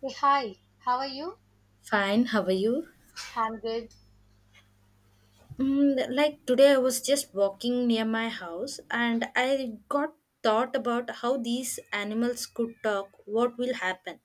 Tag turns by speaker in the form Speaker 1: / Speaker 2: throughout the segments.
Speaker 1: Hey, hi, how are you?
Speaker 2: Fine, how are you?
Speaker 1: I'm good.
Speaker 2: Like today, I was just walking near my house and I got thought about how these animals could talk, what will happen.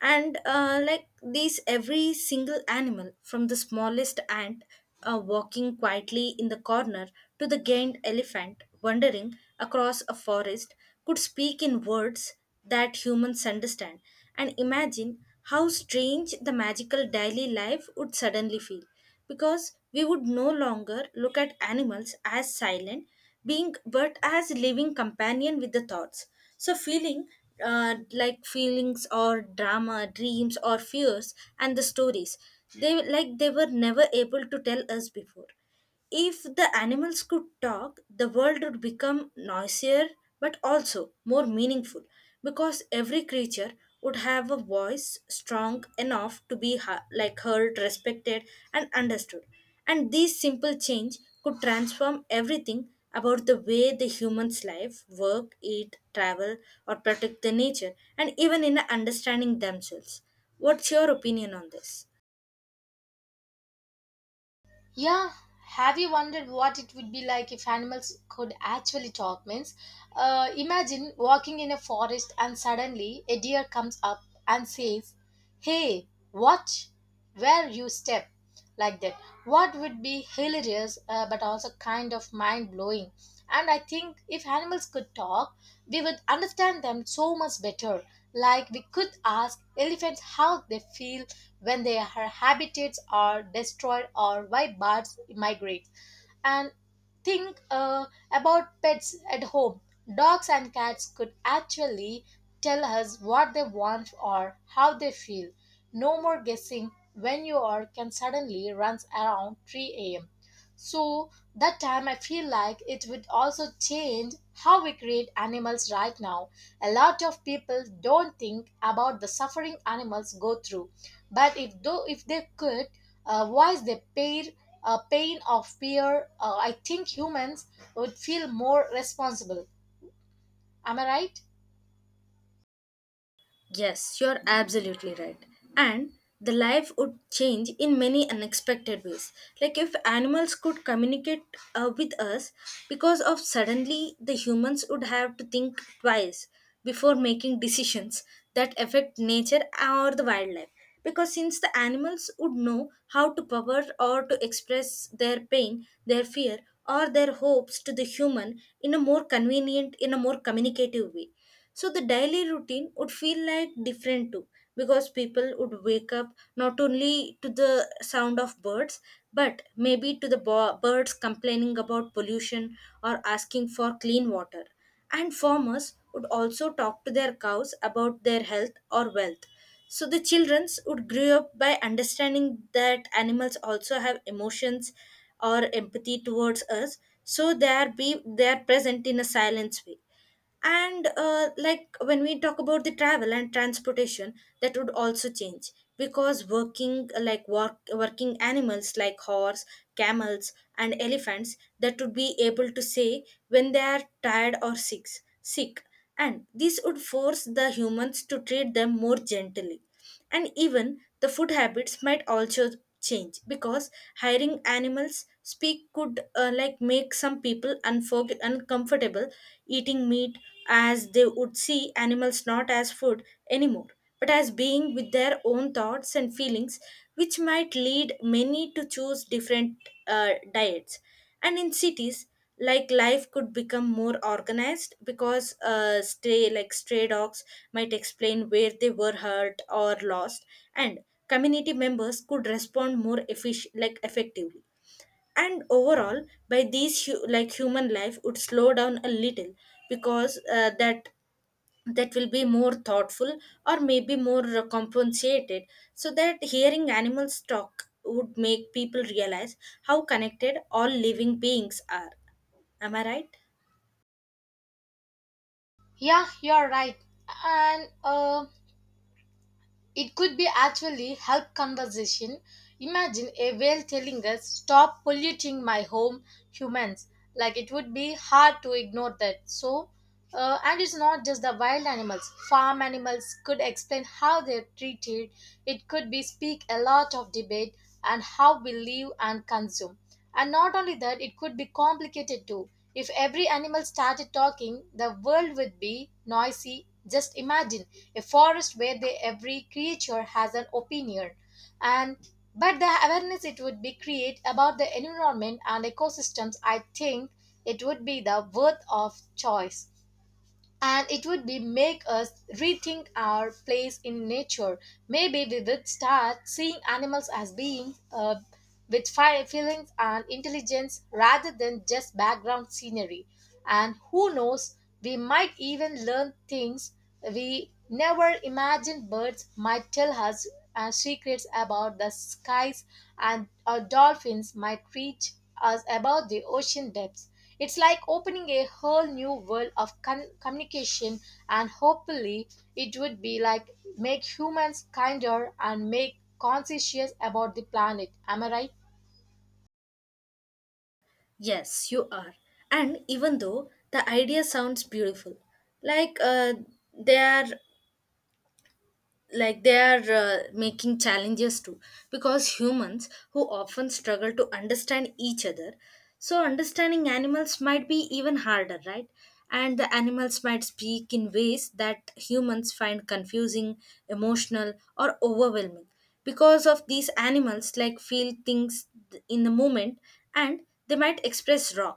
Speaker 2: Every single animal, from the smallest ant walking quietly in the corner to the gained elephant wandering across a forest, could speak in words that humans understand. And imagine how strange the magical daily life would suddenly feel, because we would no longer look at animals as silent being but as living companion with the thoughts, so feelings or drama dreams or fears and the stories they were never able to tell us before. If the animals could talk, the world would become noisier but also more meaningful, because every creature would have a voice strong enough to be heard, respected and understood. And this simple change could transform everything about the way the humans life, work, eat, travel or protect the nature and even in understanding themselves. What's your opinion on this?
Speaker 1: Yeah, have you wondered what it would be like if animals could actually talk? Means, imagine walking in a forest and suddenly a deer comes up and says, "Hey, watch where you step." Like that. What would be hilarious, but also kind of mind blowing. And I think if animals could talk, we would understand them so much better. Like we could ask elephants how they feel when their habitats are destroyed or why birds migrate. And think, about pets at home. Dogs and cats could actually tell us what they want or how they feel. No more guessing when you are can suddenly runs around 3 a.m. So that time I feel like it would also change how we create animals right now. A lot of people don't think about the suffering animals go through, but if they could, voice the pain, pain of fear, I think humans would feel more responsible. Am I right?
Speaker 2: Yes, you're absolutely right. And the life would change in many unexpected ways. Like if animals could communicate with us, because of suddenly the humans would have to think twice before making decisions that affect nature or the wildlife. Because since the animals would know how to power or to express their pain, their fear, or their hopes to the human in a more convenient, in a more communicative way, so the daily routine would feel like different too, because people would wake up not only to the sound of birds but maybe to the birds complaining about pollution or asking for clean water. And farmers would also talk to their cows about their health or wealth. So the childrens would grow up by understanding that animals also have emotions or empathy towards us. So they are present in a silence way. And when we talk about the travel and transportation, that would also change because working animals like horse, camels and elephants that would be able to say when they are tired or sick sick and this would force the humans to treat them more gently. And even the food habits might also change, because hiring animals speak could make some people uncomfortable eating meat, as they would see animals not as food anymore but as being with their own thoughts and feelings, which might lead many to choose different diets. And in cities, like life could become more organized because stray dogs might explain where they were hurt or lost, and community members could respond more efficient like effectively. And overall, by these human life would slow down a little, because that will be more thoughtful or maybe more compensated, so that hearing animals talk would make people realize how connected all living beings are. Am I right?
Speaker 1: Yeah, you're right. And it could be actually help conversation. Imagine a whale telling us, "Stop polluting my home, humans." Like it would be hard to ignore that. So, and it's not just the wild animals. Farm animals could explain how they're treated. It could be speak a lot of debate and how we live and consume. And not only that, it could be complicated too. If every animal started talking, the world would be noisy. Just imagine a forest where they, every creature has an opinion. And but the awareness it would be create about the environment and ecosystems, I think it would be the worth of choice, and it would be make us rethink our place in nature. Maybe we would start seeing animals as being, with feelings and intelligence rather than just background scenery. And who knows, we might even learn things we never imagined. Birds might tell us, secrets about the skies, and our dolphins might teach us about the ocean depths. It's like opening a whole new world of communication, and hopefully, it would be like make humans kinder and make conscientious about the planet. Am I right?
Speaker 2: Yes, you are. And even though the idea sounds beautiful, like uh, they are they are making challenges too, because humans who often struggle to understand each other, so understanding animals might be even harder, right? And the animals might speak in ways that humans find confusing, emotional or overwhelming, because of these animals like feel things in the moment, and they might express raw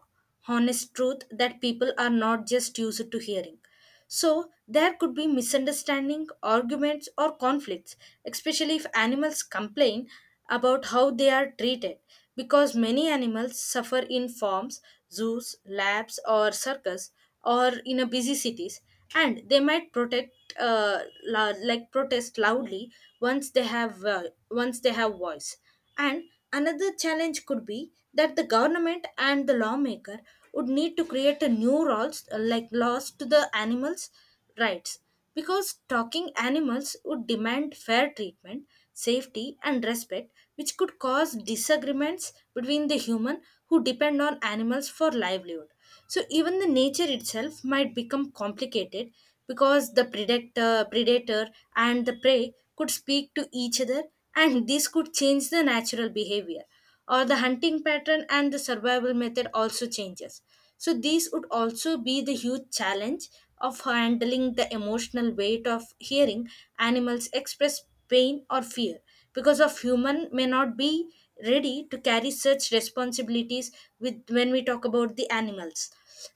Speaker 2: honest truth that people are not just used to hearing. So there could be misunderstanding, arguments, or conflicts, especially if animals complain about how they are treated, because many animals suffer in farms, zoos, labs, or circus, or in a busy cities, and they might protect. Protest loudly once they have voice. And another challenge could be that the government and the lawmaker would need to create a new rules, laws to the animals' rights, because talking animals would demand fair treatment, safety and respect, which could cause disagreements between the human who depend on animals for livelihood. So even the nature itself might become complicated because the predator and the prey could speak to each other, and this could change the natural behavior or the hunting pattern and the survival method also changes. So these would also be the huge challenge of handling the emotional weight of hearing animals express pain or fear, because of human may not be ready to carry such responsibilities with when we talk about the animals.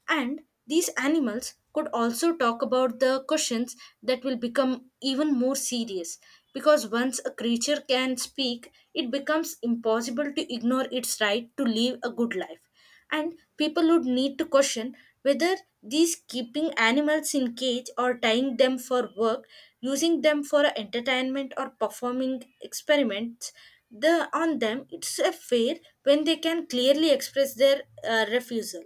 Speaker 2: And these animals could also talk about the questions that will become even more serious, because once a creature can speak, it becomes impossible to ignore its right to live a good life. And people would need to question whether these keeping animals in cage or tying them for work, using them for entertainment or performing experiments the on them, it's a fair when they can clearly express their refusal.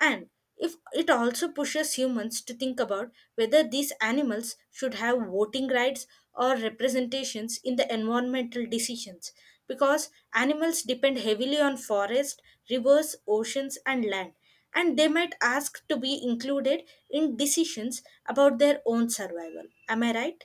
Speaker 2: And if it also pushes humans to think about whether these animals should have voting rights or representations in the environmental decisions, because animals depend heavily on forest, rivers, oceans and land, and they might ask to be included in decisions about their own survival. Am I right?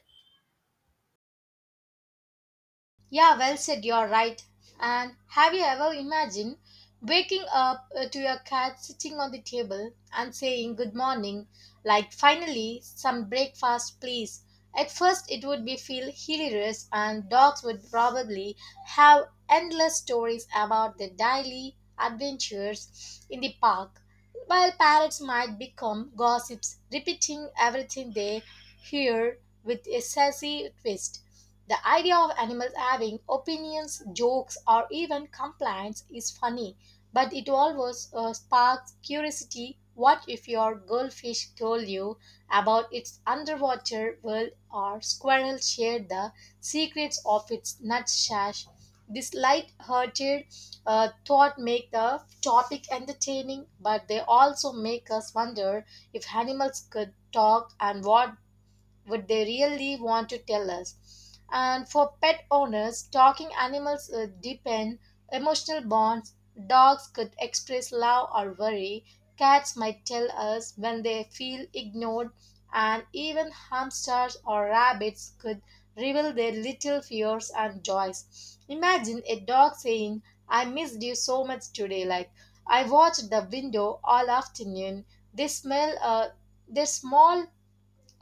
Speaker 1: Yeah, well said, you're right. And have you ever imagined waking up, to your cat sitting on the table and saying good morning, like finally some breakfast, please? At first, it would be feel hilarious, and dogs would probably have endless stories about their daily adventures in the park. While parrots might become gossips, repeating everything they hear with a sassy twist. The idea of animals having opinions, jokes, or even complaints is funny, but it always, sparks curiosity. What if your goldfish told you about its underwater world, or squirrel shared the secrets of its nutsash? This light-hearted, thought make the topic entertaining, but they also make us wonder if animals could talk and what they really want to tell us. And for pet owners, talking animals, deepen emotional bonds. Dogs could express love or worry. Cats might tell us when they feel ignored, and even hamsters or rabbits could reveal their little fears and joys. Imagine a dog saying, "I missed you so much today, like I watched the window all afternoon." They smell, their small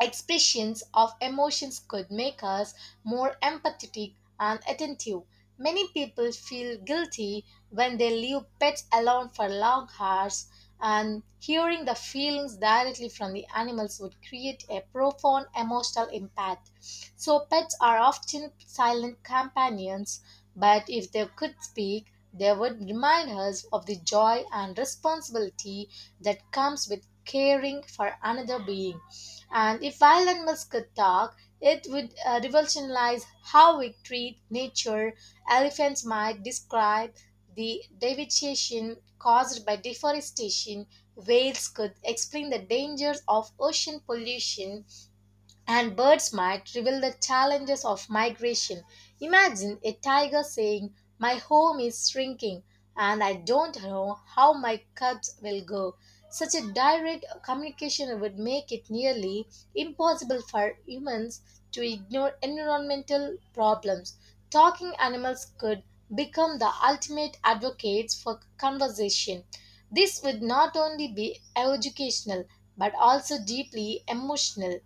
Speaker 1: expressions of emotions could make us more empathetic and attentive. Many people feel guilty when they leave pets alone for long hours, and hearing the feelings directly from the animals would create a profound emotional impact. So, pets are often silent companions, but if they could speak, they would remind us of the joy and responsibility that comes with caring for another being. And if wild animals could talk, it would, revolutionize how we treat nature. Elephants might describe the devastation caused by deforestation. Whales could explain the dangers of ocean pollution, and birds might reveal the challenges of migration. Imagine a tiger saying, "My home is shrinking and I don't know how my cubs will go." Such a direct communication would make it nearly impossible for humans to ignore environmental problems. Talking animals could become the ultimate advocates for conversation. This would not only be educational but also deeply emotional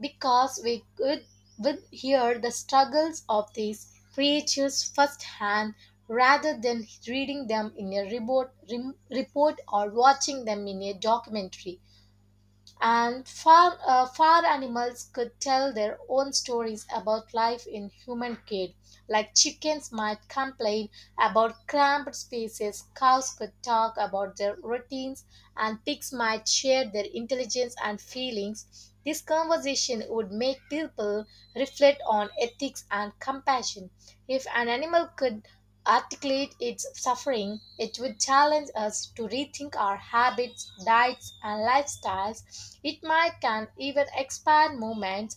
Speaker 1: because we could would hear the struggles of these creatures firsthand rather than reading them in a report or watching them in a documentary. And far animals could tell their own stories about life in human care. Like chickens might complain about cramped spaces, cows could talk about their routines, and pigs might share their intelligence and feelings. This conversation would make people reflect on ethics and compassion. If an animal could articulate its suffering, it would challenge us to rethink our habits, diets, and lifestyles. It might can even expand movements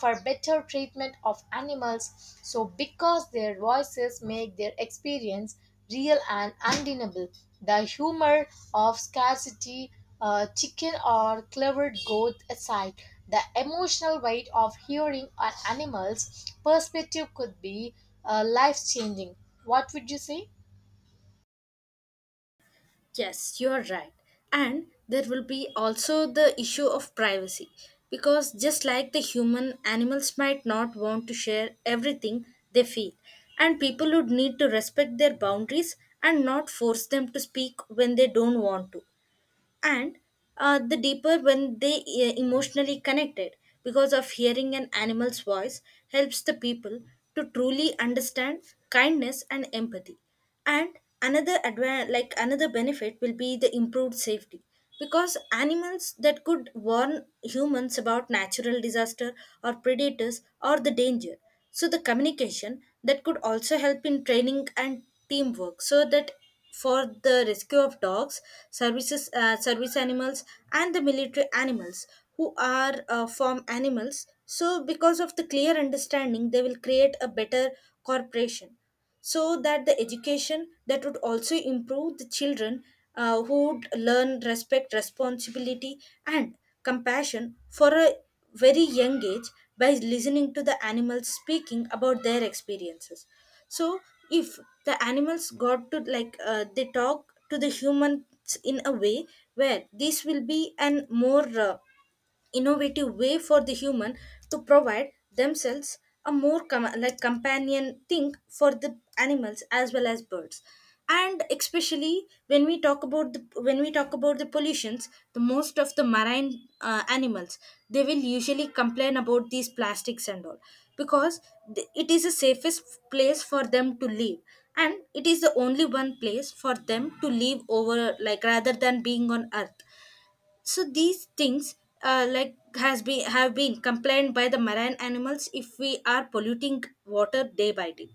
Speaker 1: for better treatment of animals, so because their voices make their experience real and undeniable. The humor of scarcity, chicken or clever goat aside, the emotional weight of hearing an animal's perspective could be life changing. What would you say?
Speaker 2: Yes, you're right. And there will be also the issue of privacy, because just like the human, animals might not want to share everything they feel, and people would need to respect their boundaries and not force them to speak when they don't want to. And the deeper when they emotionally connected, because of hearing an animal's voice helps the people to truly understand kindness and empathy. And another another benefit will be the improved safety, because animals that could warn humans about natural disaster or predators or the danger. So the communication that could also help in training and teamwork, so that for the rescue of dogs, services, service animals, and the military animals who are farm animals. So, because of the clear understanding, they will create a better corporation. So that the education that would also improve the children who would learn respect, responsibility, and compassion for a very young age by listening to the animals speaking about their experiences. So if the animals got to they talk to the humans in a way where this will be an more innovative way for the human to provide themselves a more companion thing for the animals as well as birds. And especially when we talk about the when we talk about the pollutions, the most of the marine animals, they will usually complain about these plastics and all, because it is the safest place for them to live, and it is the only one place for them to live over, like rather than being on earth. So these things, like has been have been complained by the marine animals if we are polluting water day by day.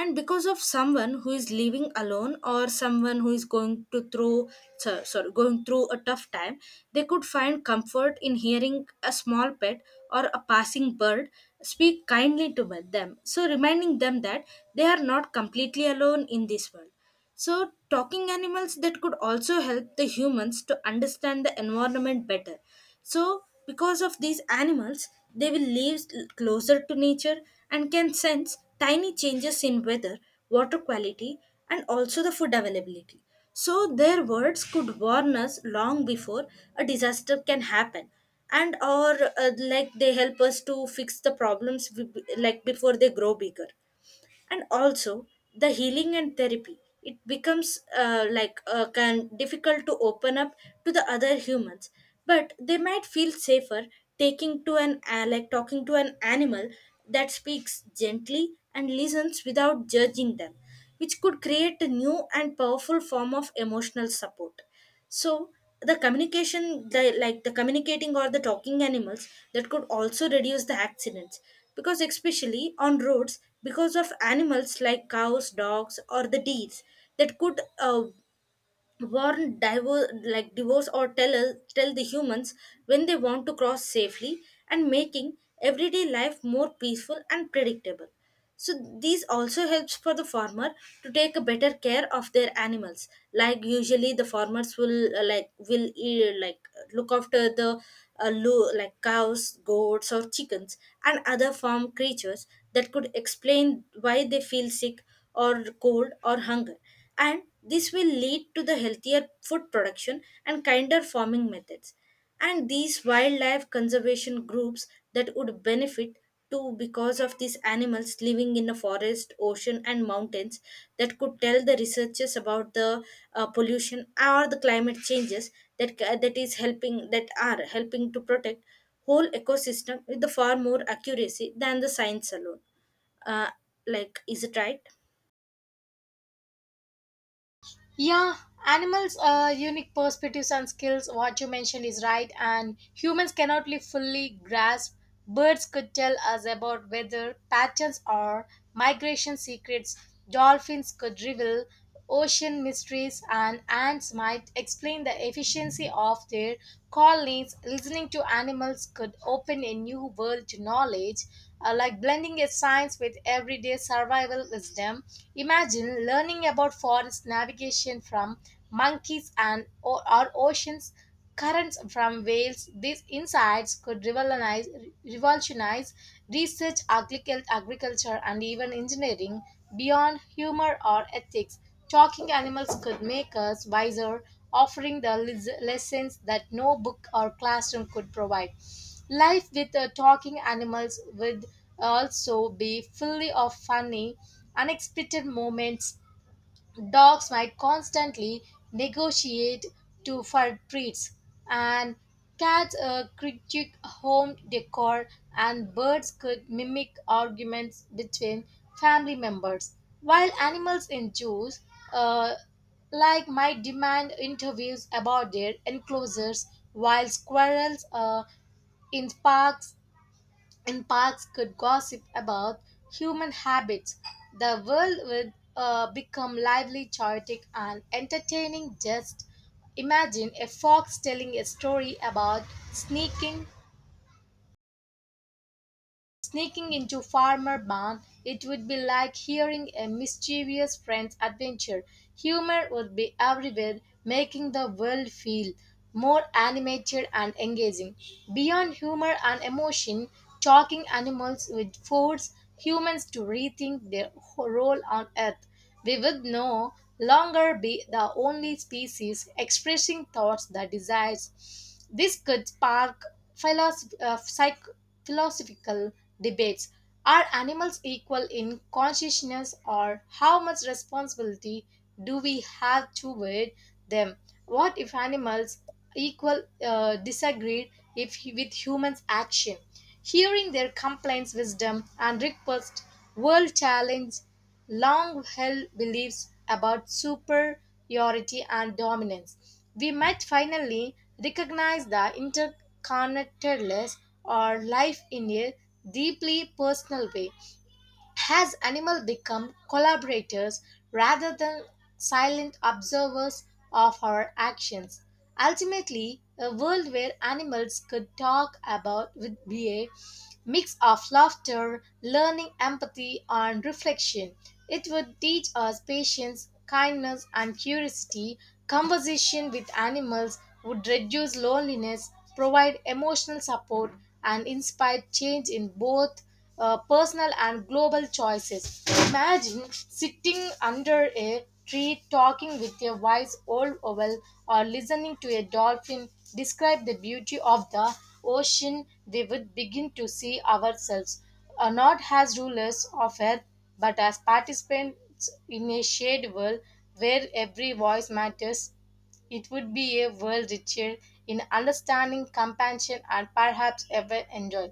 Speaker 2: And because of someone who is living alone or someone who is going to through, sorry, going through a tough time, they could find comfort in hearing a small pet or a passing bird speak kindly to them, so reminding them that they are not completely alone in this world. So, talking animals that could also help the humans to understand the environment better. So, because of these animals, they will live closer to nature and can sense tiny changes in weather, water quality, and also the food availability. So, their words could warn us long before a disaster can happen, and or they help us to fix the problems we, like before they grow bigger. And also the healing and therapy, it becomes can difficult to open up to the other humans, but they might feel safer taking to an talking to an animal that speaks gently and listens without judging them, which could create a new and powerful form of emotional support. So the communication, the communicating or the talking animals, that could also reduce the accidents, because especially on roads, because of animals like cows, dogs, or the deers that could warn divorce, or tell us, tell the humans when they want to cross safely, and making everyday life more peaceful and predictable. So these also helps for the farmer to take a better care of their animals. Like usually the farmers will look after the cows, goats or chickens and other farm creatures that could explain why they feel sick or cold or hunger. And this will lead to the healthier food production and kinder farming methods. And these wildlife conservation groups that would benefit too, because of these animals living in a forest, ocean and mountains, that could tell the researchers about the pollution or the climate changes that ca- that is helping that are helping to protect whole ecosystem with the far more accuracy than the science alone. uh, like, is it right?
Speaker 1: Yeah, animals, unique perspectives and skills. What you mentioned is right, and humans cannot fully grasp. Birds could tell us about weather patterns or migration secrets. Dolphins could reveal ocean mysteries, and ants might explain the efficiency of their colonies. Listening to animals could open a new world to knowledge, like blending a science with everyday survival wisdom. Imagine learning about forest navigation from monkeys or oceans currents from whales. These insights could revolutionize research, agriculture, and even engineering beyond humor or ethics. Talking animals could make us wiser, offering the lessons that no book or classroom could provide. Life with, talking animals would also be fully of funny, unexpected moments. Dogs might constantly negotiate to for treats, and cats, critique home decor, and birds could mimic arguments between family members. While animals in zoos, uh, like might demand interviews about their enclosures, while squirrels, in parks could gossip about human habits. The world would, become lively, chaotic, and entertaining. Just imagine a fox telling a story about sneaking sneaking into Farmer Brown, it would be like hearing a mischievous friend's adventure. Humor would be everywhere, making the world feel more animated and engaging. Beyond humor and emotion, talking animals would force humans to rethink their role on Earth. We would no longer be the only species expressing thoughts that desires. This could spark philosoph- uh, psych- philosophical debates. Are animals equal in consciousness, or how much responsibility do we have toward them? What if animals equal, disagreed if with humans' action? Hearing their complaints, wisdom, and requests will challenge long held beliefs about superiority and dominance. We might finally recognize the interconnectedness or life in a deeply personal way. Has animal become collaborators rather than silent observers of our actions? Ultimately, a world where animals could talk about would be a mix of laughter, learning, empathy, and reflection. It would teach us patience, kindness, and curiosity. Conversation with animals would reduce loneliness, provide emotional support, and inspire change in both, personal and global choices. Imagine sitting under a tree talking with a wise old owl or listening to a dolphin describe the beauty of the ocean. We would begin to see ourselves, not as rulers of earth but as participants in a shared world where every voice matters. It would be a world richer in understanding, compassion, and perhaps ever enjoy.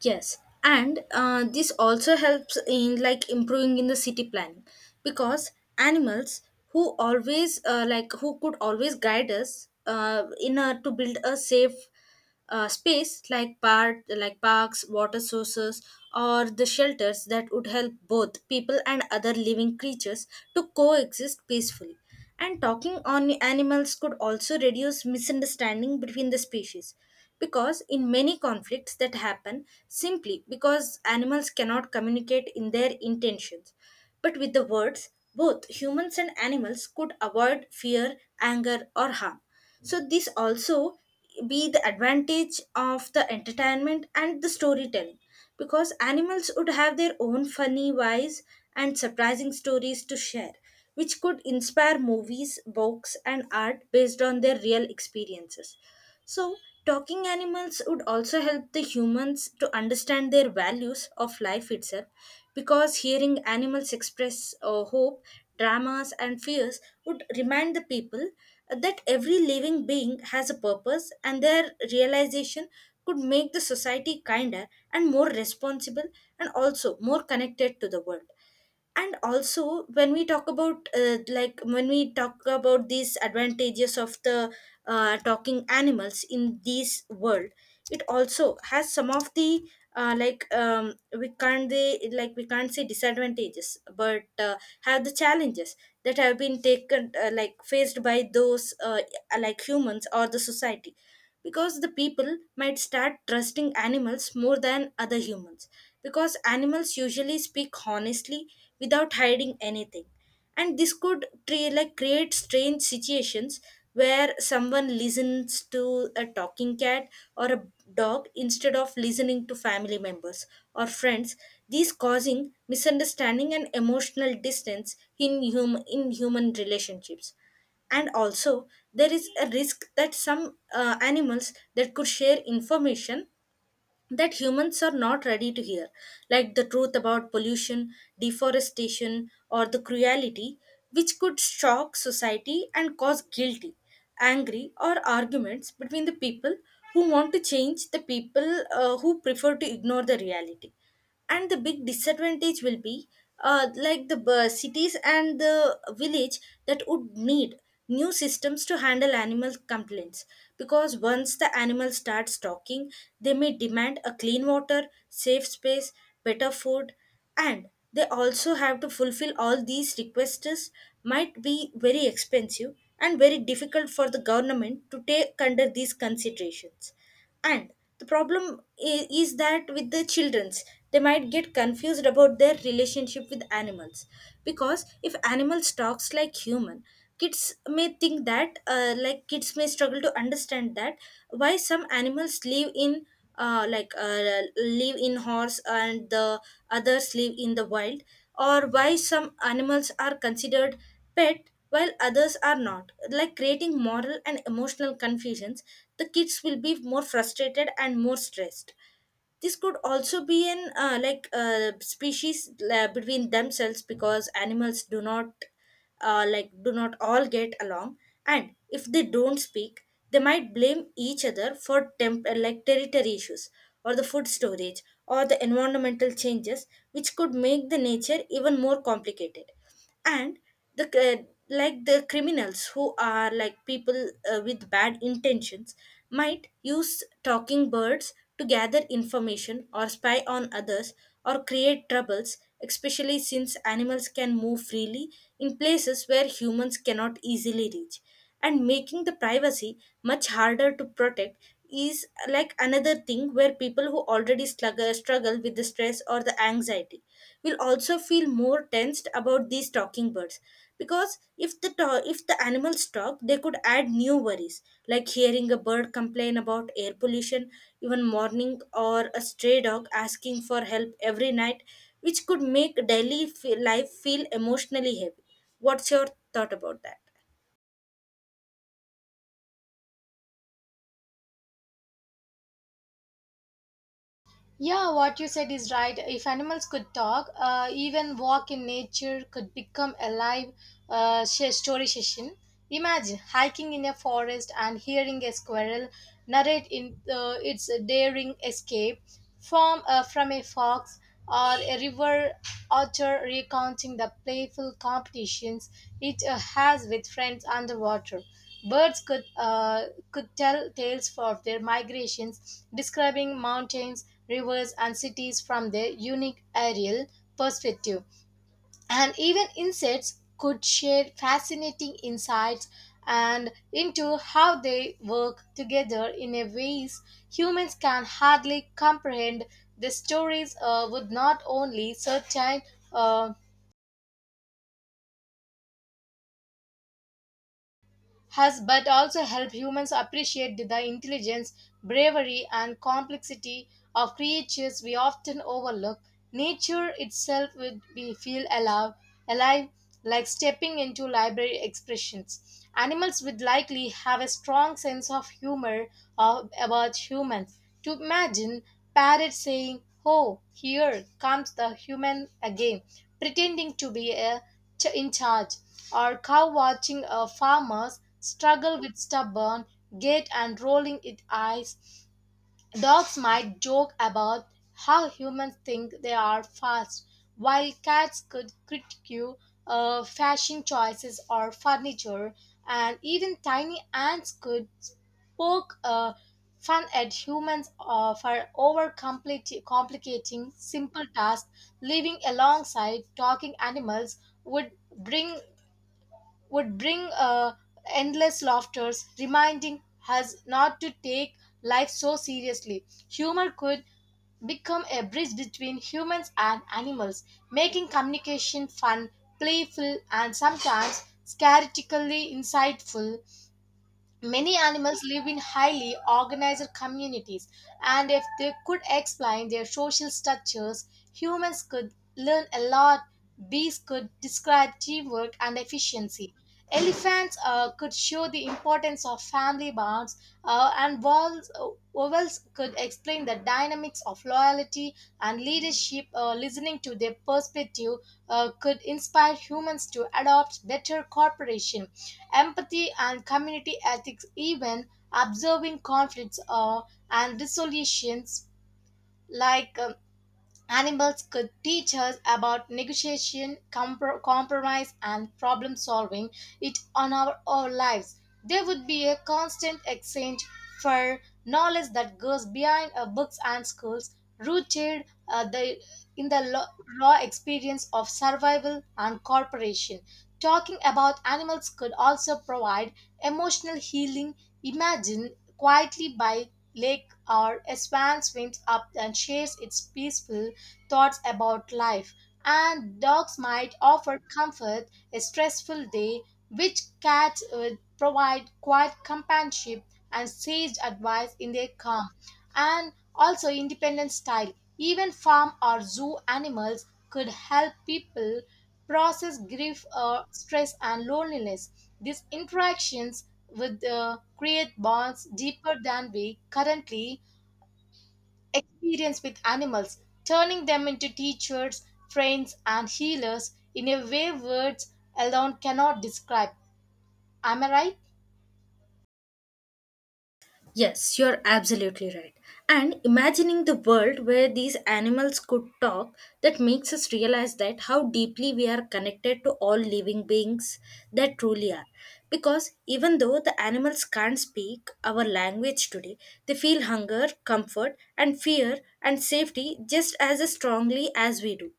Speaker 2: Yes, and this also helps in like improving in the city planning, because animals who always who could always guide us in to build a safe space like parks, water sources, or the shelters that would help both people and other living creatures to coexist peacefully. And talking on animals could also reduce misunderstanding between the species, because in many conflicts that happen simply because animals cannot communicate in their intentions, but with the words both humans and animals could avoid fear, anger, or harm. So this also be the advantage of the entertainment and the storytelling, because animals would have their own funny, wise, and surprising stories to share, which could inspire movies, books, and art based on their real experiences. so, Talking animals would also help the humans to understand their values of life itself, because hearing animals express hope, dramas, and fears would remind the people that every living being has a purpose, and their realization could make the society kinder and more responsible, and also more connected to the world. And also when we talk about when we talk about these advantages of the talking animals in this world, it also has some of the we can't they like we can't say disadvantages, but have the challenges that have been taken faced by those humans or the society. Because the people might start trusting animals more than other humans, because animals usually speak honestly without hiding anything. And this could create strange situations where someone listens to a talking cat or a dog instead of listening to family members or friends, these causing misunderstanding and emotional distance in human relationships. And also there is a risk that some animals that could share information that humans are not ready to hear, like the truth about pollution, deforestation, or the cruelty, which could shock society and cause guilty, angry, or arguments between the people who want to change the people who prefer to ignore the reality. And the big disadvantage will be cities and the village that would need new systems to handle animal complaints, because once the animal starts talking they may demand a clean water, safe space, better food, and they also have to fulfill all these requests, might be very expensive and very difficult for the government to take under these considerations. And the problem is that with the children's, they might get confused about their relationship with animals, because if animals talks like human, kids may struggle to understand that why some animals live in live in horse and the others live in the wild, or why some animals are considered pet while others are not, like creating moral and emotional confusions. The kids will be more frustrated and more stressed. This could also be in species between themselves, because animals do not do not all get along, and if they don't speak they might blame each other for territory issues, or the food storage, or the environmental changes, which could make the nature even more complicated. And the c- uh, the criminals who are like people with bad intentions might use talking birds to gather information or spy on others, or create troubles, especially since animals can move freely in places where humans cannot easily reach, and making the privacy much harder to protect. Is like another thing where people who already struggle with the stress or the anxiety will also feel more tensed about these talking birds, because if the animals talk they could add new worries, like hearing a bird complain about air pollution even morning, or a stray dog asking for help every night, which could make daily life feel emotionally heavy. What's your thought about that?
Speaker 1: Yeah, what you said is right. If animals could talk, even walk in nature could become a live, story session. Imagine hiking in a forest and hearing a squirrel narrate in, its daring escape from a fox, or a river otter recounting the playful competitions it, has with friends underwater. Birds could could tell tales of their migrations, describing mountains, rivers, and cities from their unique aerial perspective. And even insects could share fascinating insights and into how they work together in a ways humans can hardly comprehend. The stories, would not only certain, uh, has but also help humans appreciate the intelligence, bravery, and complexity of creatures we often overlook. Nature itself would be feel alive like stepping into library expressions. Animals would likely have a strong sense of humor of, about humans. To imagine parrot saying, "Oh, here comes the human again," pretending to be a in charge, or cow watching a farmer's struggle with stubborn gait and rolling its eyes. Dogs might joke about how humans think they are fast, while cats could critique, fashion choices or furniture, and even tiny ants could poke, fun at humans, for over complicating simple tasks. Living alongside talking animals would bring would bring uh, endless laughters, reminding us not to take life so seriously. Humor could become a bridge between humans and animals, making communication fun, playful, and sometimes scarily insightful. Many animals live in highly organized communities, and if they could explain their social structures, humans could learn a lot. Bees could describe teamwork and efficiency. Elephants, could show the importance of family bonds, and wolves could explain the dynamics of loyalty and leadership. Listening to their perspective, could inspire humans to adopt better cooperation. Empathy and community ethics, even observing conflicts, and resolutions like, animals could teach us about negotiation, compromise, and problem solving it on our lives. There would be a constant exchange for knowledge that goes behind, books and schools, rooted, in the raw experience of survival and cooperation. Talking about animals could also provide emotional healing. Imagine quietly by lake or a swan swims up and shares its peaceful thoughts about life, and dogs might offer comfort a stressful day, which cats would provide quiet companionship and sage advice in their calm, and also independent style. Even farm or zoo animals could help people process grief or stress and loneliness. These interactions would, create bonds deeper than we currently experience with animals, turning them into teachers, friends, and healers in a way words alone cannot describe. Am I right?
Speaker 2: Yes, you're absolutely right. And imagining the world where these animals could talk, that makes us realize that how deeply we are connected to all living beings that truly are. Because even though the animals can't speak our language today, they feel hunger, comfort, and fear and safety just as strongly as we do.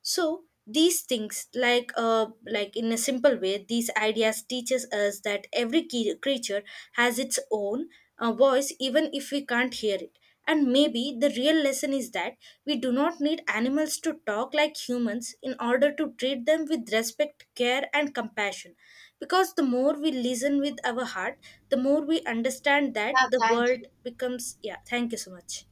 Speaker 2: So these things like in a simple way, these ideas teaches us that every key, creature has its own voice, even if we can't hear it. And maybe the real lesson is that we do not need animals to talk like humans in order to treat them with respect, care, and compassion. Because the more we listen with our heart, the more we understand that
Speaker 1: Yeah,
Speaker 2: the
Speaker 1: thank you.
Speaker 2: world becomes. Yeah, thank you so much.